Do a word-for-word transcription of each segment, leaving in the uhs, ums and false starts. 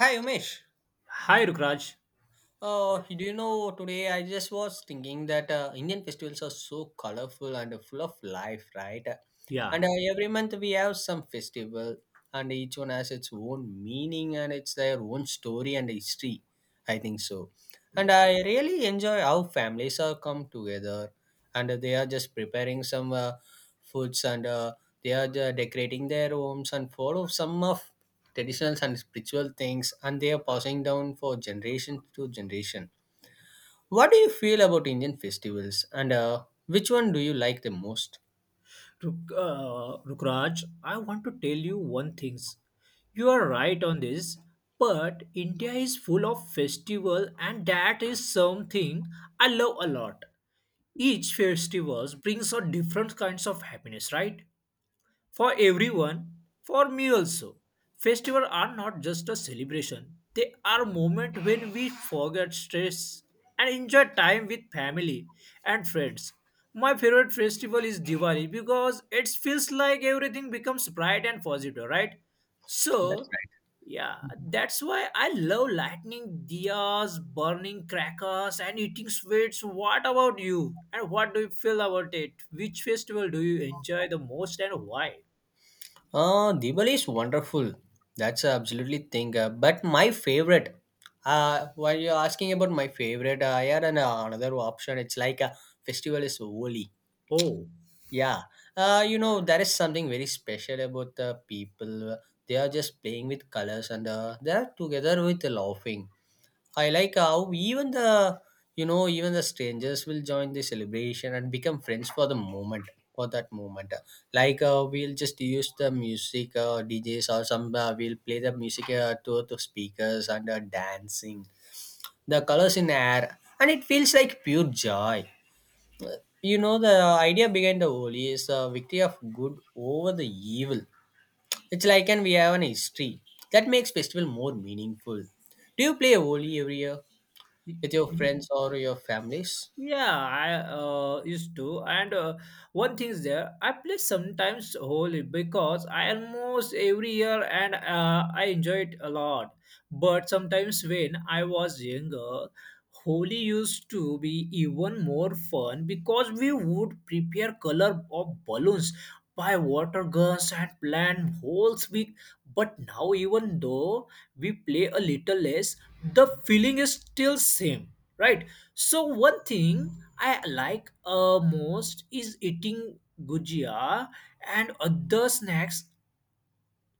Hi Umesh. Hi, Rukraj. Uh, do you know today I just was thinking that uh, Indian festivals are so colorful and full of life, right? Yeah, And uh, every month we have some festival, and each one has its own meaning and it's their own story and history. I think so. And yeah. I really enjoy how families are come together, and they are just preparing some uh, foods and uh, they are the decorating their homes and follow some of traditions and spiritual things and they are passing down for generation to generation. What do you feel about Indian festivals, and uh, which one do you like the most? Ruk, uh, Rukraj, I want to tell you one thing. You are right on this, but India is full of festival, and that is something I love a lot. Each festival brings out different kinds of happiness, right? For everyone, for me also, festivals are not just a celebration. They are moments when we forget stress and enjoy time with family and friends. My favorite festival is Diwali because it feels like everything becomes bright and positive, right? That's So, right. yeah, that's why I love lightning diyas, burning crackers, and eating sweets. What about you? And what do you feel about it? Which festival do you enjoy the most and why? uh, Diwali is wonderful. That's a absolutely thing. Uh, but my favorite, uh, while you're asking about my favorite, uh, I had an, uh, another option. It's like a festival is Holi. Ou, Yeah, uh, you know, there is something very special about the people. They are just playing with colors and uh, they are together with laughing. I like how even the, you know, even the strangers will join the celebration and become friends for the moment, for that moment. Like uh, we'll just use the music, uh, D Js or some, uh, we'll play the music uh, to, to speakers and uh, dancing, the colors in air, and it feels like pure joy. You know, the idea behind the Holi is a victory of good over the evil. It's like, and we have an history that makes festival more meaningful. Do you play Holi every year e, with your e friends or your families? Yeah, I uh, used to, and uh, one thing is there. I play sometimes Holi because I almost every year, and uh, I enjoy it a lot. But sometimes when I was younger, Holi used to be even more fun because we would prepare color of balloons, buy water guns, and plan whole week. But now, even though we play a little less, the feeling is still same, right? So one thing I like uh, most is eating gujia and other snacks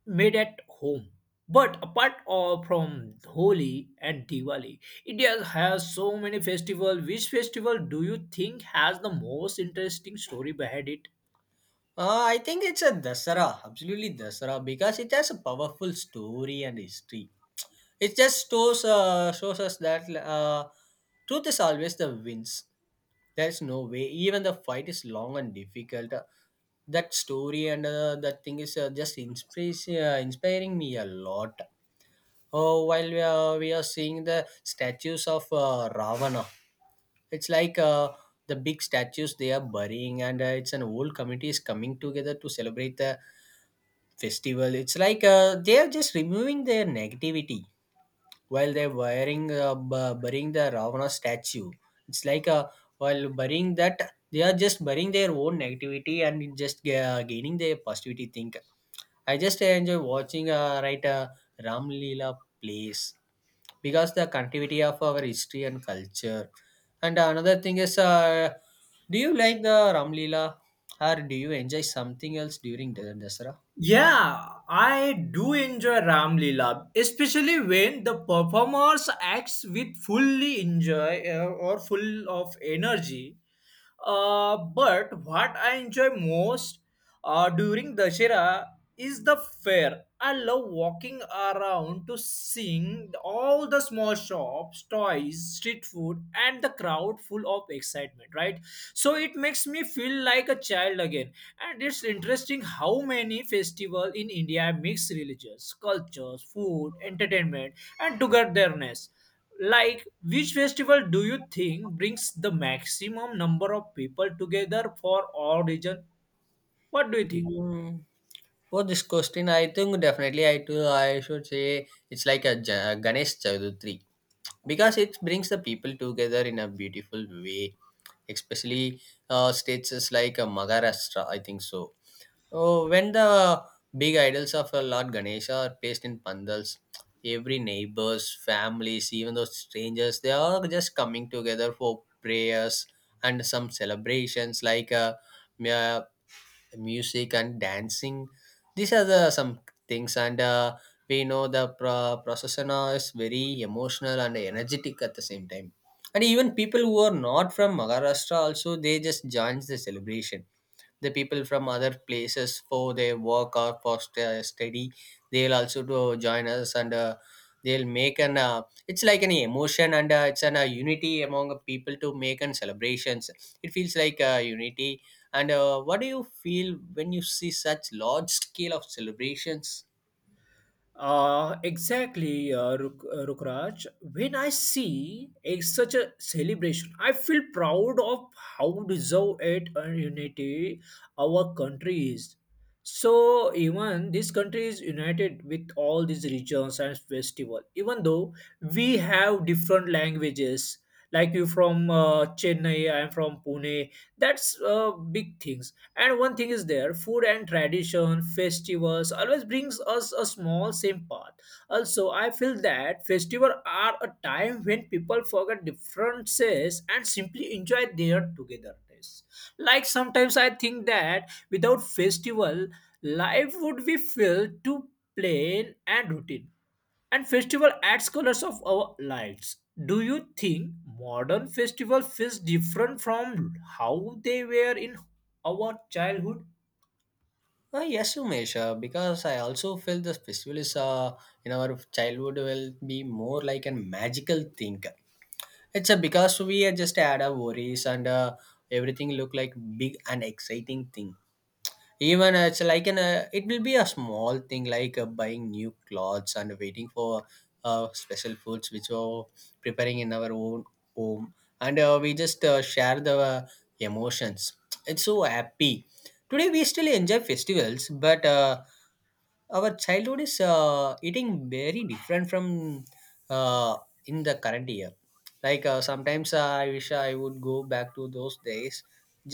made at home. But apart of from Holi and Diwali, India has so many festivals. Which festival do you think has the most interesting story behind it? Uh, I think it's a Dasara, absolutely Dasara, because it has a powerful story and history. It just shows, uh, shows us that uh, truth is always the wins. There is no way, even the fight is long and difficult. Uh, that story and uh, that thing is uh, just inspira- uh, inspiring me a lot uh, while we are, we are seeing the statues of uh, Ravana. It's like uh, the big statues they are burying, and uh, it's an old committee is coming together to celebrate the festival. It's like uh, they are just removing their negativity while they're burying, uh, bu- burying the Ravana statue. It's like uh, while burying that, they are just burying their own negativity and just uh, gaining their positivity thing. I just enjoy watching uh, right uh, Ram Leela plays because the continuity of our history and culture. And another thing is, uh, do you like the Ram Leela or do you enjoy something else during the Dasara? Yeah, I do enjoy Ram Leela, especially when the performers acts with fully enjoy uh, or full of energy. Uh, but what I enjoy most uh, during Dashera is the fair. I love walking around to seeing all the small shops, toys, street food, and the crowd full of excitement, right? So it makes me feel like a child again. And it's interesting how many festivals in India mix religious, cultures, food, entertainment, and togetherness. Like, which festival do you think brings the maximum number of people together for all region? What do you think? Mm, for this question, I think definitely I too I should say it's like a Ja- Ganesh Chaturthi because it brings the people together in a beautiful way, especially uh, states like uh, Maharashtra. I think so. Oh, when the big idols of uh, Lord Ganesha are placed in pandals, every neighbors, families, even those strangers, they are just coming together for prayers and some celebrations like uh, mu- uh, music and dancing. These are the some things, and uh, we know the pro- procession is very emotional and energetic at the same time. And even people who are not from Maharashtra also they just joins the celebration, the people from other places for their work or for st- study, they'll also do join us, and uh, they'll make an uh, it's like an emotion, and uh, it's an uh, unity among people to make an celebrations. It feels like uh, unity, and uh, what do you feel when you see such large scale of celebrations? Uh, exactly, uh, Ruk- uh, Rukraj. When I see a, such a celebration, I feel proud of how deserved it and unity our country is. So even this country is united with all these regions and festival. Even though we have different languages, like you from uh, Chennai, I am from Pune. That's uh, big things and one thing is there food and tradition festivals always brings us a small same path. Also, I feel that festivals are a time when people forget differences and simply enjoy their togetherness. Like sometimes I think that without festival, life would be filled too plain and routine, and festival adds colors of our lives. Do you think modern festival feels different from how they were in our childhood? Uh, yes, Umesh, uh, because I also feel this festival is uh, in our childhood will be more like a magical thing. It's a because we are just had our worries, and uh, everything look like big and exciting thing. Even uh, it's like an uh, it will be a small thing like uh, buying new clothes and waiting for uh, special foods which are preparing in our own home, and uh, we just uh, share the uh, emotions. It's so happy. Today we still enjoy festivals, but uh, our childhood is uh, eating very different from uh, in the current year. Like uh, sometimes uh, I wish I would go back to those days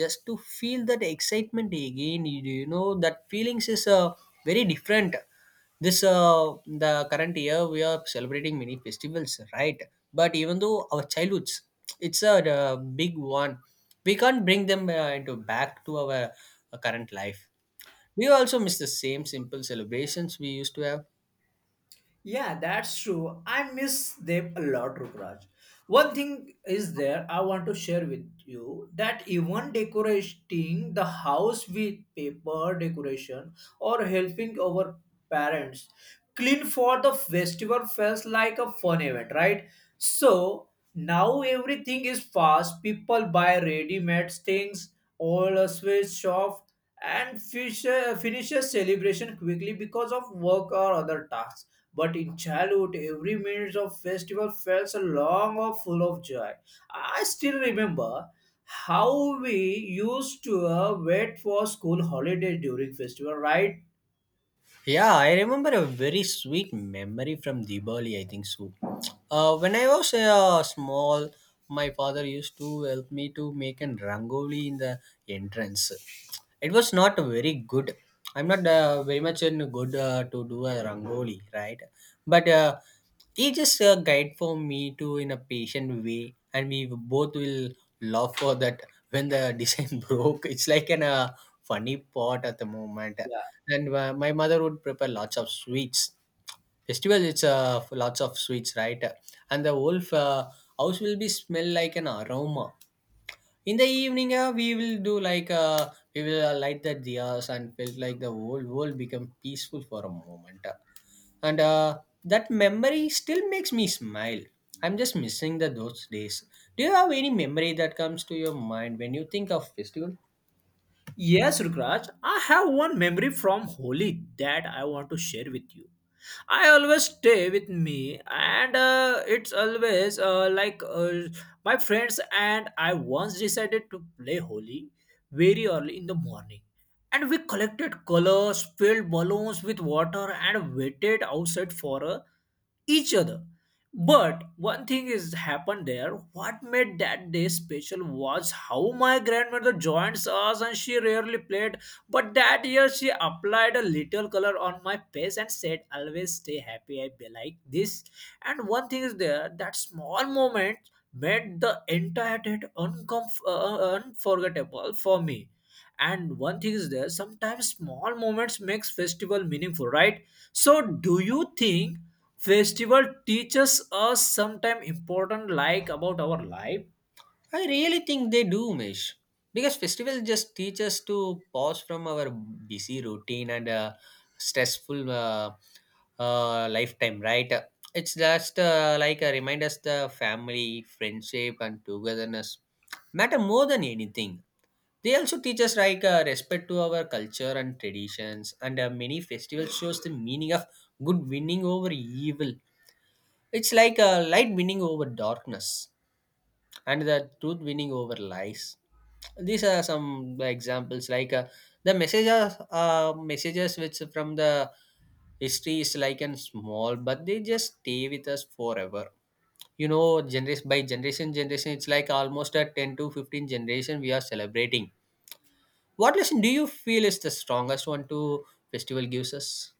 just to feel that excitement again. You you know that feelings is uh, very different. This uh, The current year we are celebrating many festivals, right? But even though our childhoods it's a uh, big one, we can't bring them uh, into back to our uh, current life. We also miss the same simple celebrations we used to have. Yeah, that's true. I miss them a lot, Rukraj. One thing is there I want to share with you that even decorating the house with paper decoration or helping our parents clean for the festival feels like a fun event, right? So now everything is fast. People buy ready-made things, all a sweet shop and fisher, finishes celebration quickly because of work or other tasks. But in childhood, every minute of festival felt so long or full of joy. I still remember how we used to uh, wait for school holiday during festival, right? Yeah, I remember a very sweet memory from Diwali, I think so. Uh, when I was uh, small, my father used to help me to make an rangoli in the entrance. It was not very good. I'm not uh, very much in good uh, to do a rangoli, right? But uh, he just uh, guide for me to in a patient way, and we both will laugh for that when the design broke. It's like an uh, funny part at the moment, and uh, my mother would prepare lots of sweets. Festival, it's uh, lots of sweets, right? And the whole uh, house will be smell like an aroma. In the evening, uh, we will do like uh, we will uh, light the diyas and felt like the whole world become peaceful for a moment, uh, and uh, that memory still makes me smile. I'm just missing the those days. Do you have any memory that comes to your mind when you think of festival? Yes, Rukraj, I have one memory from Holi that I want to share with you. I always stay with me, and uh, it's always uh, like uh, my friends and I once decided to play Holi very early in the morning. And we collected colors, filled balloons with water, and waited outside for a each other. But one thing is happened there. What made that day special was how my grandmother joined us and she rarely played. But that year she applied a little color on my face and said, Always stay happy, I be like this. And one thing is there, that small moment made the entire date uncomf- uh, uh, unforgettable for me. And one thing is there, sometimes small moments makes festival meaningful, right? So do you think festival teaches us sometime important like about our life? I really think they do, Mish. Because festivals just teach us to pause from our busy routine and uh, stressful uh, uh, lifetime, right? It's just uh, like a remind us the family, friendship, and togetherness matter more than anything. They also teach us like uh, respect to our culture and traditions, and uh, many festivals shows the meaning of good winning over evil. It's like a light winning over darkness and the truth winning over lies. These are some examples like uh, the messages, uh, messages which from the history is like and small, but they just stay with us forever. You know, generation by generation, generation, it's like almost a ten to fifteen generation we are celebrating. What lesson do you feel is the strongest one to festival gives us?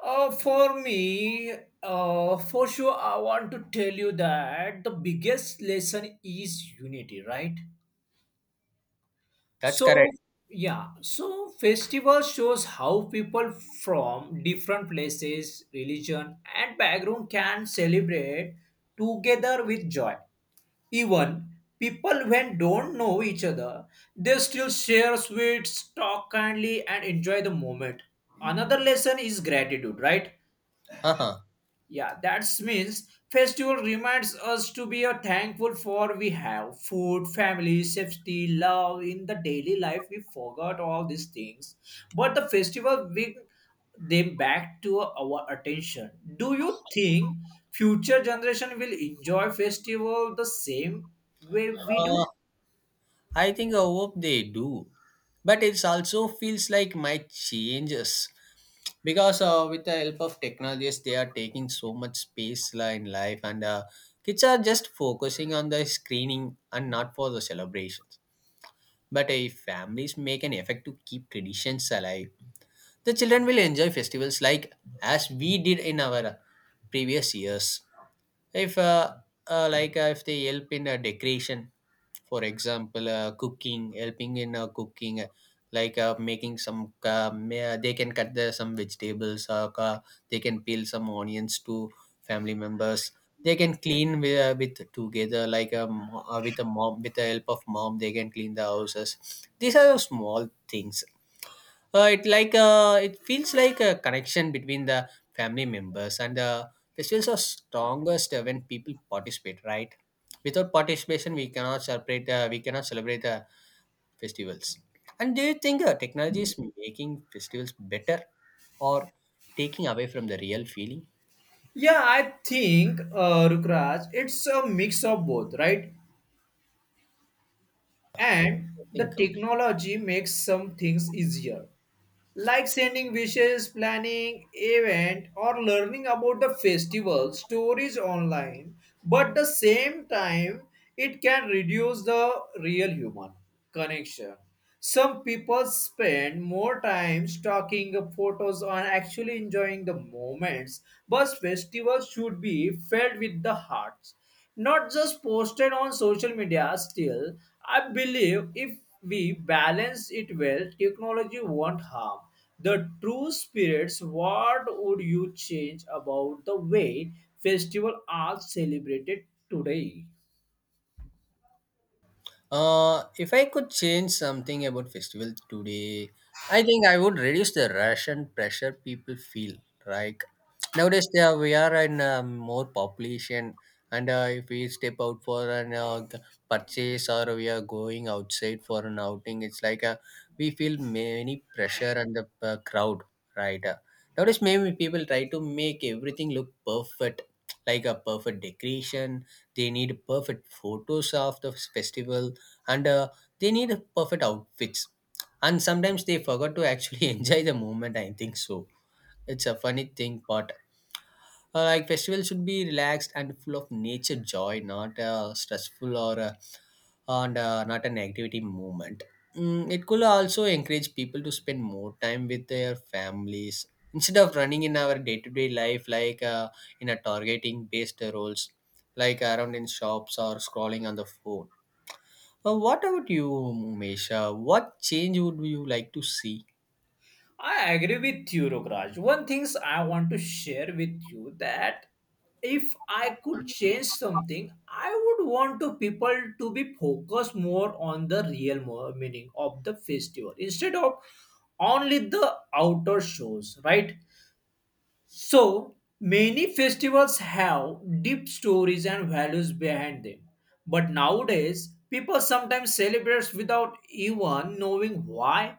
uh, For me, uh, for sure I want to tell you that the biggest lesson is unity, right? That's correct. So yeah, so festival shows how people from different places religion and background can celebrate together with joy. Even people when don't know each other, they still share sweets, talk kindly, and enjoy the moment. Another lesson is gratitude, right? Uh-huh. Yeah, that means festival reminds us to be a thankful for we have food, family, safety, love in the daily life. We forgot all these things, but the festival bring them back to our attention. Do you think future generation will enjoy festival the same way we do? Uh, I think I hope they do. But it also feels like my changes because uh, with the help of technologies, they are taking so much space la, in life, and uh, kids are just focusing on the screening and not for the celebrations. But if families make an effort to keep traditions alive, the children will enjoy festivals like as we did in our previous years. If uh, uh, like uh, if they help in a decoration, for example uh, cooking, helping in uh, cooking, uh, like uh, making some uh, may- uh, they can cut the, some vegetables, uh, ca- they can peel some onions to family members. They can clean with, uh, with together like um, uh, with a mom, with the help of mom, they can clean the houses. These are small things. Uh, it like uh, it feels like a connection between the family members, and uh, festivals are strongest uh, when people participate, right? Without participation, we cannot celebrate. Uh, we cannot celebrate the festivals. And do you think uh, technology is making festivals better or taking away from the real feeling? Yeah, I think uh, Rukraj, it's a mix of both, right? And the Think. technology makes some things easier, like sending wishes, planning event, or learning about the festival stories online. But the same time, it can reduce the real human connection. Some people spend more time stalking the photos on actually enjoying the moments, but festivals should be felt with the hearts, not just posted on social media. Still I believe if we balance it well, technology won't harm the true spirits. What would you change about the way festival are celebrated today? Uh, if I could change something about festival today, I think I would reduce the rush and pressure people feel. Like nowadays, there we are in uh, more population, and uh, if we step out for an uh, purchase or we are going outside for an outing, it's like uh, we feel many pressure and the uh, crowd, right? Uh, nowadays, maybe people try to make everything look perfect, like a perfect decoration. They need perfect photos of the festival, and uh, they need a perfect outfits, and sometimes they forgot to actually enjoy the moment. I think so. It's a funny thing, but uh, like festival should be relaxed and full of nature joy, not uh, stressful or uh, and uh, not an activity movement. Mm, it could also encourage people to spend more time with their families instead of running in our day-to-day life, like uh, in a targeting based roles, like around in shops or scrolling on the phone. Uh, what about you, Umesh? Uh, what change would you like to see? I agree with you, Rukraj. One things I want to share with you that if I could change something, I would want to people to be focused more on the real mo- meaning of the festival instead of only the outer shows, right? So many festivals have deep stories and values behind them, but nowadays people sometimes celebrate without even knowing why.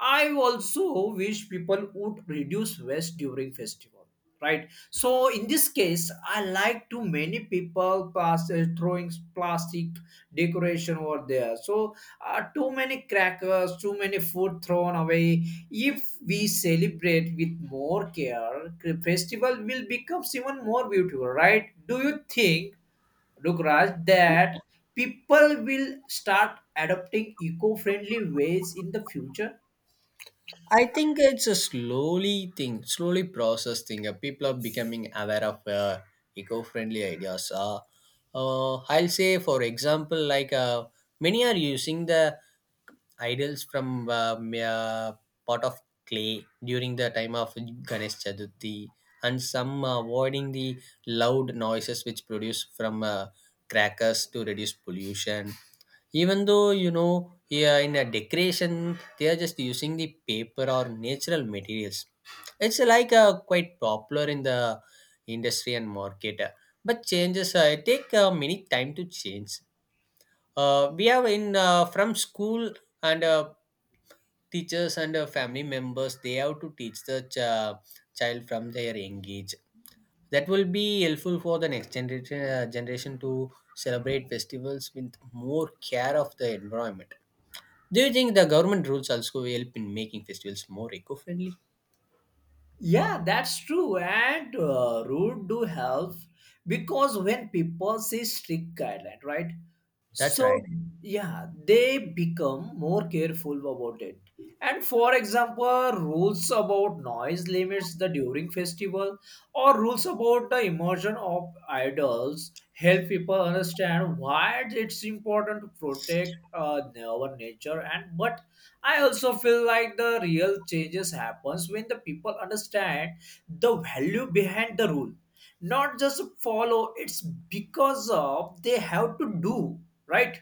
I also wish people would reduce waste during festival, right? So in this case, I like too many people pass uh, throwing plastic decoration over there. So uh, too many crackers, too many food thrown away. If we celebrate with more care, festival will become even more beautiful, right? Do you think, Rukraj, that people will start adopting eco-friendly ways in the future? I think it's a slowly thing, slowly process thing. Uh, people are becoming aware of uh, eco-friendly ideas. Uh, uh, I'll say, for example, like uh, many are using the idols from uh, m- uh, pot of clay during the time of Ganesh Chaturthi, and some uh, avoiding the loud noises which produce from uh, crackers to reduce pollution even though you know yeah, in a decoration they are just using the paper or natural materials. It's like uh, quite popular in the industry and market, uh, but changes uh, take uh, many time to change. Uh, we have in uh, from school and uh, teachers and uh, family members, they have to teach the ch- uh, child from their young age. That will be helpful for the next generation uh, generation to celebrate festivals with more care of the environment. Do you think the government rules also help in making festivals more eco-friendly? Yeah, that's true. And uh, root do help because when people see strict guideline, right? That's So right. yeah, they become more careful about it. And for example, rules about noise limits the during festival or rules about the immersion of idols help people understand why it's important to protect uh, our nature. And but I also feel like the real changes happens when the people understand the value behind the rule, not just follow. It's because of they have to do, right.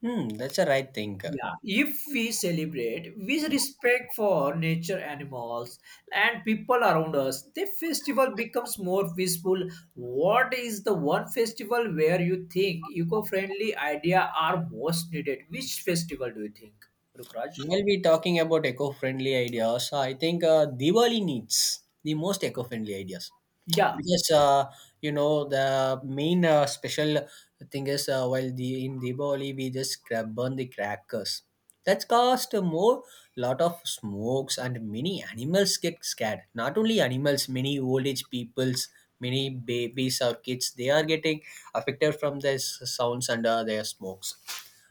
Hmm, that's a right thing. Yeah, if we celebrate with respect for nature, animals, and people around us, the festival becomes more peaceful. What is the one festival where you think eco-friendly idea are most needed? Which festival do you think, Rukraj? We'll be talking about eco-friendly ideas. I think uh, Diwali needs the most eco-friendly ideas Yeah. because uh, you know the main uh, special thing is uh, while the in Diwali we just cra- burn the crackers. That's caused more lot of smokes and many animals get scared. Not only animals, many old age peoples, many babies or kids, they are getting affected from these sounds and uh, their smokes.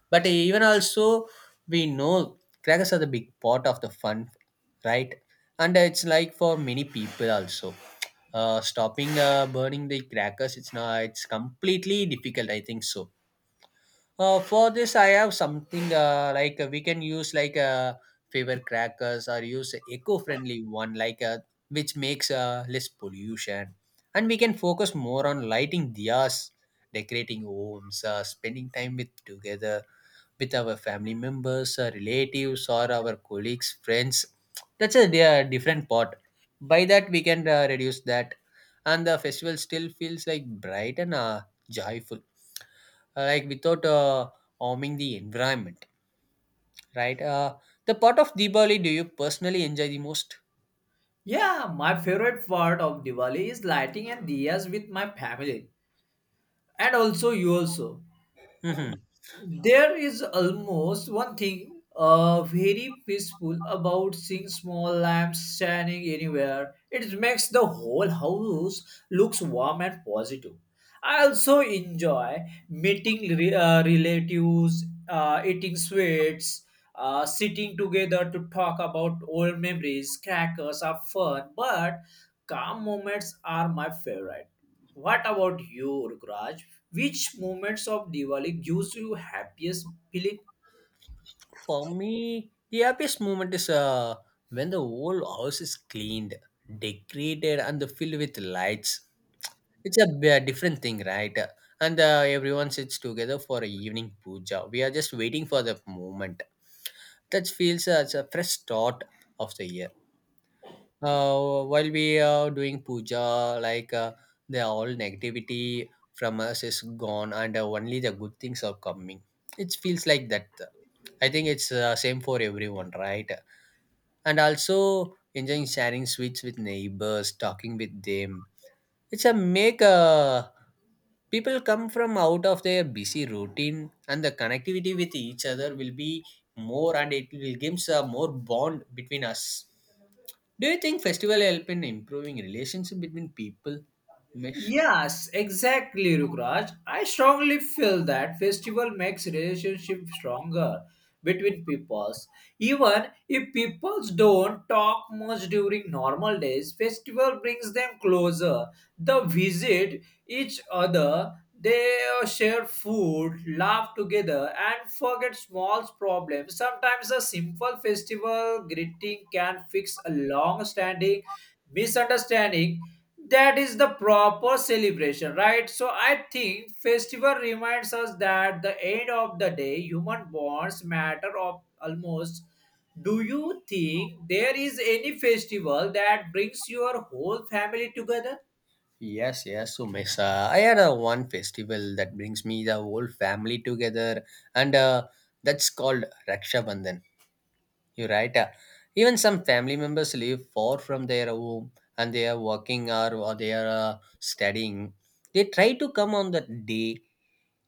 But even also, we know crackers are the big part of the fun, right? And it's like for many people also, uh, stopping uh, burning the crackers. It's not. It's completely difficult, I think so. Uh, for this, I have something uh, like uh, we can use like uh, favorite crackers or use eco-friendly one like uh, which makes uh, less pollution, and we can focus more on lighting diyas, decorating homes, uh, spending time with together with our family members, our relatives, or our colleagues, friends. That's a they different part. By that, we can uh, reduce that, and the festival still feels like bright and uh, joyful, Uh, like without uh, harming the environment, right? Uh, the part of Diwali do you personally enjoy the most? Yeah, my favorite part of Diwali is lighting and diyas with my family and also you also. Mhm. There is almost one thing uh, very peaceful about seeing small lamps shining anywhere. It makes the whole house looks warm and positive. I also enjoy meeting re- uh, relatives, uh, eating sweets, uh, sitting together to talk about old memories. Crackers are fun, but calm moments are my favorite. What about you, Rukraj? Which moments of Diwali gives you happiest feeling? For me, the happiest moment is uh, when the whole house is cleaned, decorated, and filled with lights. It's a b- different thing, right? And uh, everyone sits together for a evening puja. We are just waiting for the moment. That feels as a fresh start of the year. Uh, while we are doing puja, like uh, the all negativity from us is gone, and uh, only the good things are coming. It feels like that. I think it's uh, same for everyone, right? And also enjoying sharing sweets with neighbors, talking with them. It's a make uh, people come from out of their busy routine, and the connectivity with each other will be more, and it will gives a more bond between us. Do you think festival help in improving relationship between people, Umesh? Yes, exactly, Rukraj. I strongly feel that festival makes relationship stronger between peoples. Even if peoples don't talk much during normal days, festival brings them closer. They visit each other, they share food, laugh together, and forget small problems. Sometimes a simple festival greeting can fix a long-standing misunderstanding. That is the proper celebration, right? So I think festival reminds us that the end of the day human bonds matter of almost. Do you think there is any festival that brings your whole family together? Yes, yes, Umesh. Uh, I had a one festival that brings me the whole family together, and uh, that's called Raksha Bandhan. You're right. Uh, even some family members live far from their home, and they are working or, or they are uh, studying. They try to come on the day.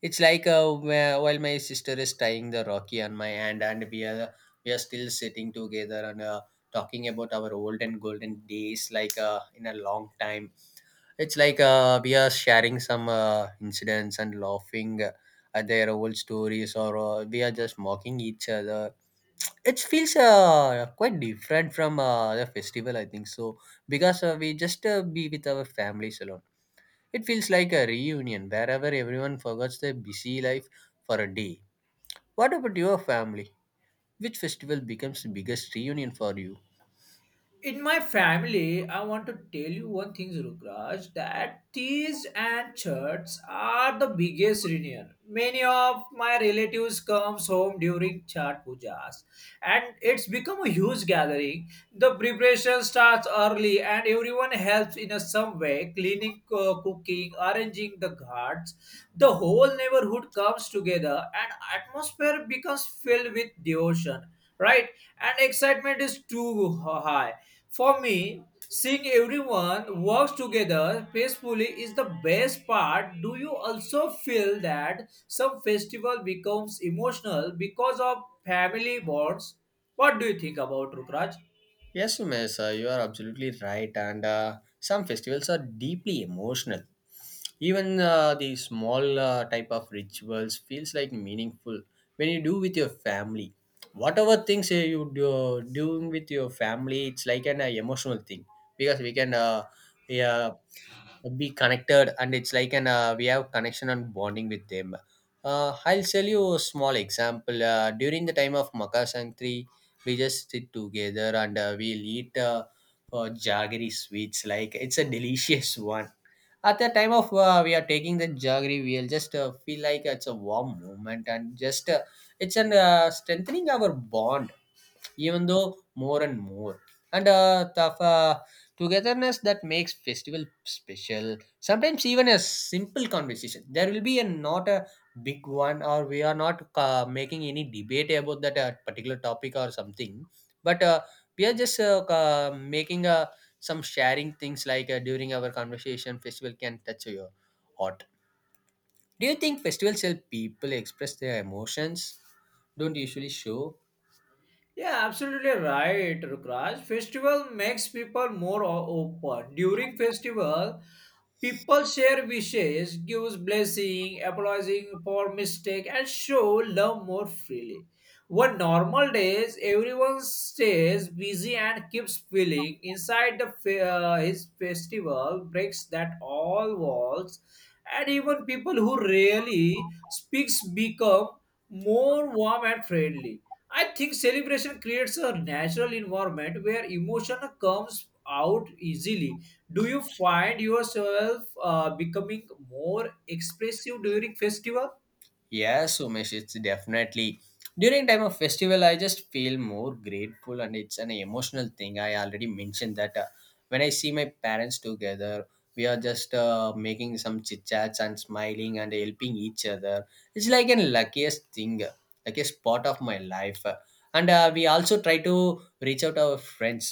It's like uh, wh- while my sister is tying the rocky on my hand, and we are we are still sitting together and uh, talking about our old and golden days, like uh, in a long time. It's like uh, we are sharing some uh, incidents and laughing at their old stories, or uh, we are just mocking each other. It feels uh, quite different from uh, the festival, I think so, because uh, we just uh, be with our families alone. It feels like a reunion wherever everyone forgets their busy life for a day. What about your family? Which festival becomes the biggest reunion for you? In my family, I want to tell you one thing, Rukraj, that teas and church are the biggest reunion. Many of my relatives comes home during Chhat Pujas, and it's become a huge gathering. The preparation starts early, and everyone helps in a some way, cleaning, uh, cooking, arranging the ghats. The whole neighborhood comes together, and atmosphere becomes filled with devotion. Right, and excitement is too high for me, seeing everyone works together peacefully is the best part. Do you also feel that some festival becomes emotional because of family bonds? What do you think about Rukraj? Yes, Umesh, uh, you are absolutely right. And uh, some festivals are deeply emotional. Even uh, the small uh, type of rituals feels like meaningful when you do with your family. Whatever things uh, you do doing with your family, it's like an uh, emotional thing because we can uh, yeah, be connected, and it's like an uh, we have connection and bonding with them. Uh, i'll tell you a small example, uh, during the time of Makar Sankri we just sit together and uh, we'll eat uh, uh, jaggery sweets, like it's a delicious one. At the time of uh, we are taking the jaggery, we'll just uh, feel like it's a warm moment and just uh, it's an uh, strengthening our bond even though more and more, and uh, the uh, togetherness that makes festival special. Sometimes even a simple conversation, there will be a not a big one, or we are not uh, making any debate about that uh, particular topic or something, but uh, we are just uh, uh, making a some sharing things like uh, during our conversation. Festival can touch your heart. Do you think festivals help people express their emotions don't usually show? Yeah, absolutely right, Rukraj. Festival makes people more o- open. During festival, people share wishes, gives blessing, apologizing for mistake, and show love more freely. One normal days, everyone stays busy and keeps feeling inside the fe- uh, his festival breaks that all walls, and even people who rarely speaks become more warm and friendly. I think celebration creates a natural environment where emotion comes out easily. Do you find yourself uh, becoming more expressive during festival? Yes, Umesh, it's definitely during time of festival. I just feel more grateful, and it's an emotional thing. I already mentioned that uh, when I see my parents together, we are just uh, making some chit chats and smiling and helping each other. It's like an luckiest thing, uh, luckiest part of my life. Uh, And uh, we also try to reach out our friends,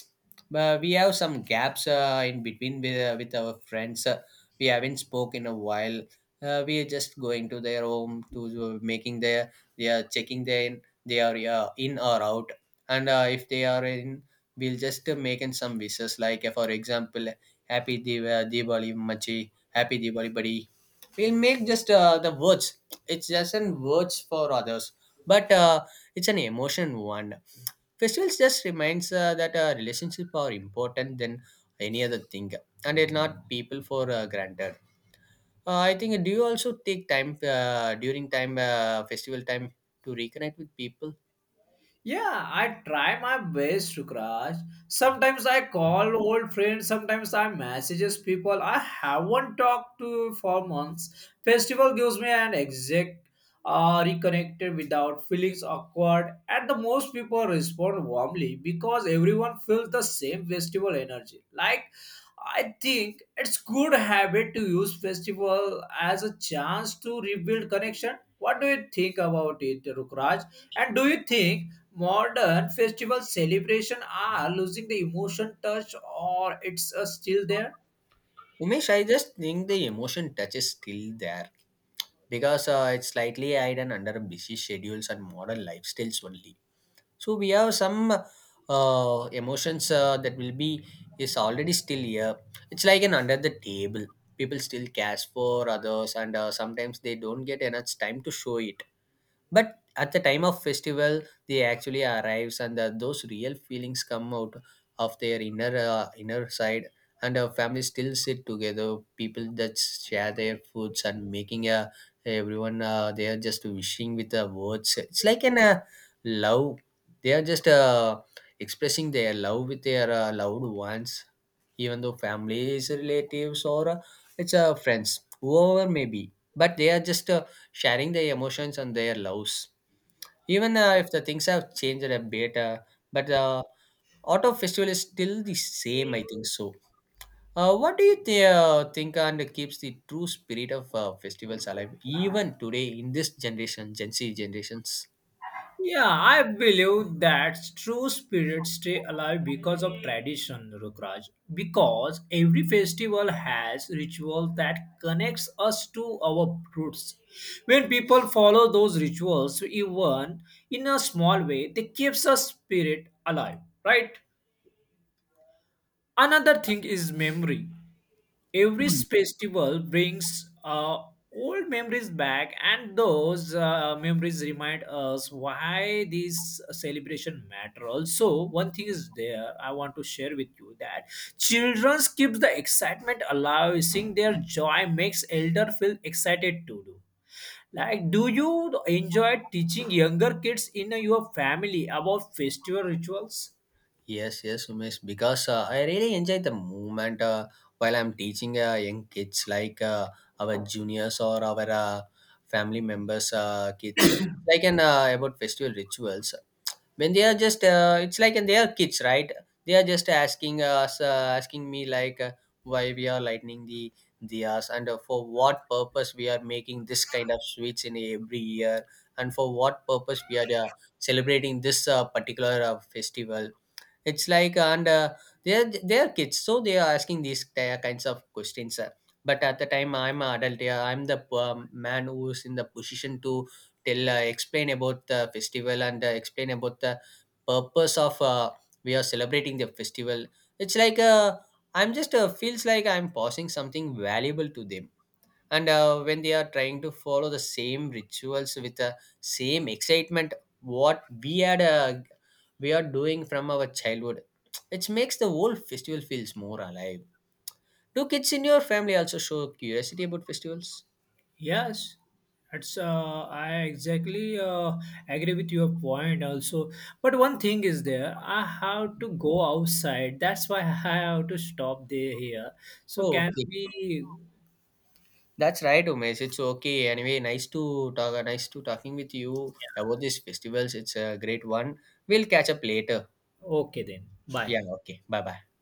but we have some gaps uh, in between with, uh, with our friends. Uh, we haven't spoke in a while. Uh, we are just going to their home to uh, making their, they are checking their, they are uh, in or out, and uh, if they are in, we'll just uh, making some wishes, like uh, for example, happy Div- uh, Diwali machi, happy Diwali buddy. We'll make just uh, the words. It's just an words for others, but uh, it's an emotion one. Festivals just reminds uh, that uh, relationship are important than any other thing, and it not people for uh, granted, uh, I think. uh, Do you also take time uh, during time uh, festival time to reconnect with people? Yeah, I try my best to crash. Sometimes I call old friends, sometimes I messages people I haven't talked to for months. Festival gives me an exact uh, reconnected without feelings awkward, and the most people respond warmly because everyone feels the same festival energy. Like I think it's good habit to use festival as a chance to rebuild connection. What do you think about it, Rukraj? And do you think modern festival celebration are losing the emotion touch or it's uh, still there? Umesh, I just think the emotion touch is still there because uh, it's slightly hidden under busy schedules and modern lifestyles only. So we have some uh, emotions uh, that will be is already still here. It's like an under the table. People still cares for others, and uh, sometimes they don't get enough time to show it, but at the time of festival they actually arrives, and uh, those real feelings come out of their inner uh, inner side. And our family still sit together, people that share their foods and making a everyone, uh, they are just wishing with the words. It's like an uh, love, they are just uh, expressing their love with their uh, loved ones, even though families, relatives, or uh, it's uh, friends, whoever may be, but they are just uh, sharing their emotions and their loves. Even uh, if the things have changed a bit, uh, but the auto festival is still the same, I think so. Uh, what do you th- uh, think and keeps the true spirit of uh, festivals alive even today in this generation, Gen Z generations? Yeah, I believe that true spirits stay alive because of tradition, Rukraj. Because every festival has ritual that connects us to our roots. When people follow those rituals, even in a small way, they keeps a spirit alive, right? Another thing is memory. Every Hmm. festival brings uh, old memories back, and those uh, memories remind us why these celebration matter. Also, one thing is there I want to share with you that children keep the excitement alive. Seeing their joy makes elder feel excited to do. Like, do you enjoy teaching younger kids in your family about festival rituals? Yes, yes, Umesh, because uh, I really enjoy the moment uh, while I'm teaching uh, young kids, like uh, our juniors or our uh, family members, uh, kids, like an uh, about festival rituals. When they are just uh, it's like, and they are kids, right? They are just asking us uh, asking me, like uh, why we are lighting the diyas, and uh, for what purpose we are making this kind of sweets in every year, and for what purpose we are uh, celebrating this uh, particular uh, festival. It's like, and uh, they're they're kids, so they are asking these ti- kinds of questions, sir. But at the time, I'm an adult. Yeah, I'm the um, man who's in the position to tell, uh, explain about the festival, and uh, explain about the purpose of uh, we are celebrating the festival. It's like uh, I'm just uh, feels like I'm passing something valuable to them, and uh, when they are trying to follow the same rituals with the same excitement what we had, uh, we are doing from our childhood, it makes the whole festival feels more alive. Do kids in your family also show curiosity about festivals? Yes, that's uh, I exactly uh, agree with your point also. But one thing is there, I have to go outside. That's why I have to stop there here. So Oh, can okay, we? that's right, Umesh, it's okay. Anyway, nice to talk nice to talking with you about these festivals. It's a great one. We'll catch up later. Okay then. Bye. Yeah, okay. Bye bye.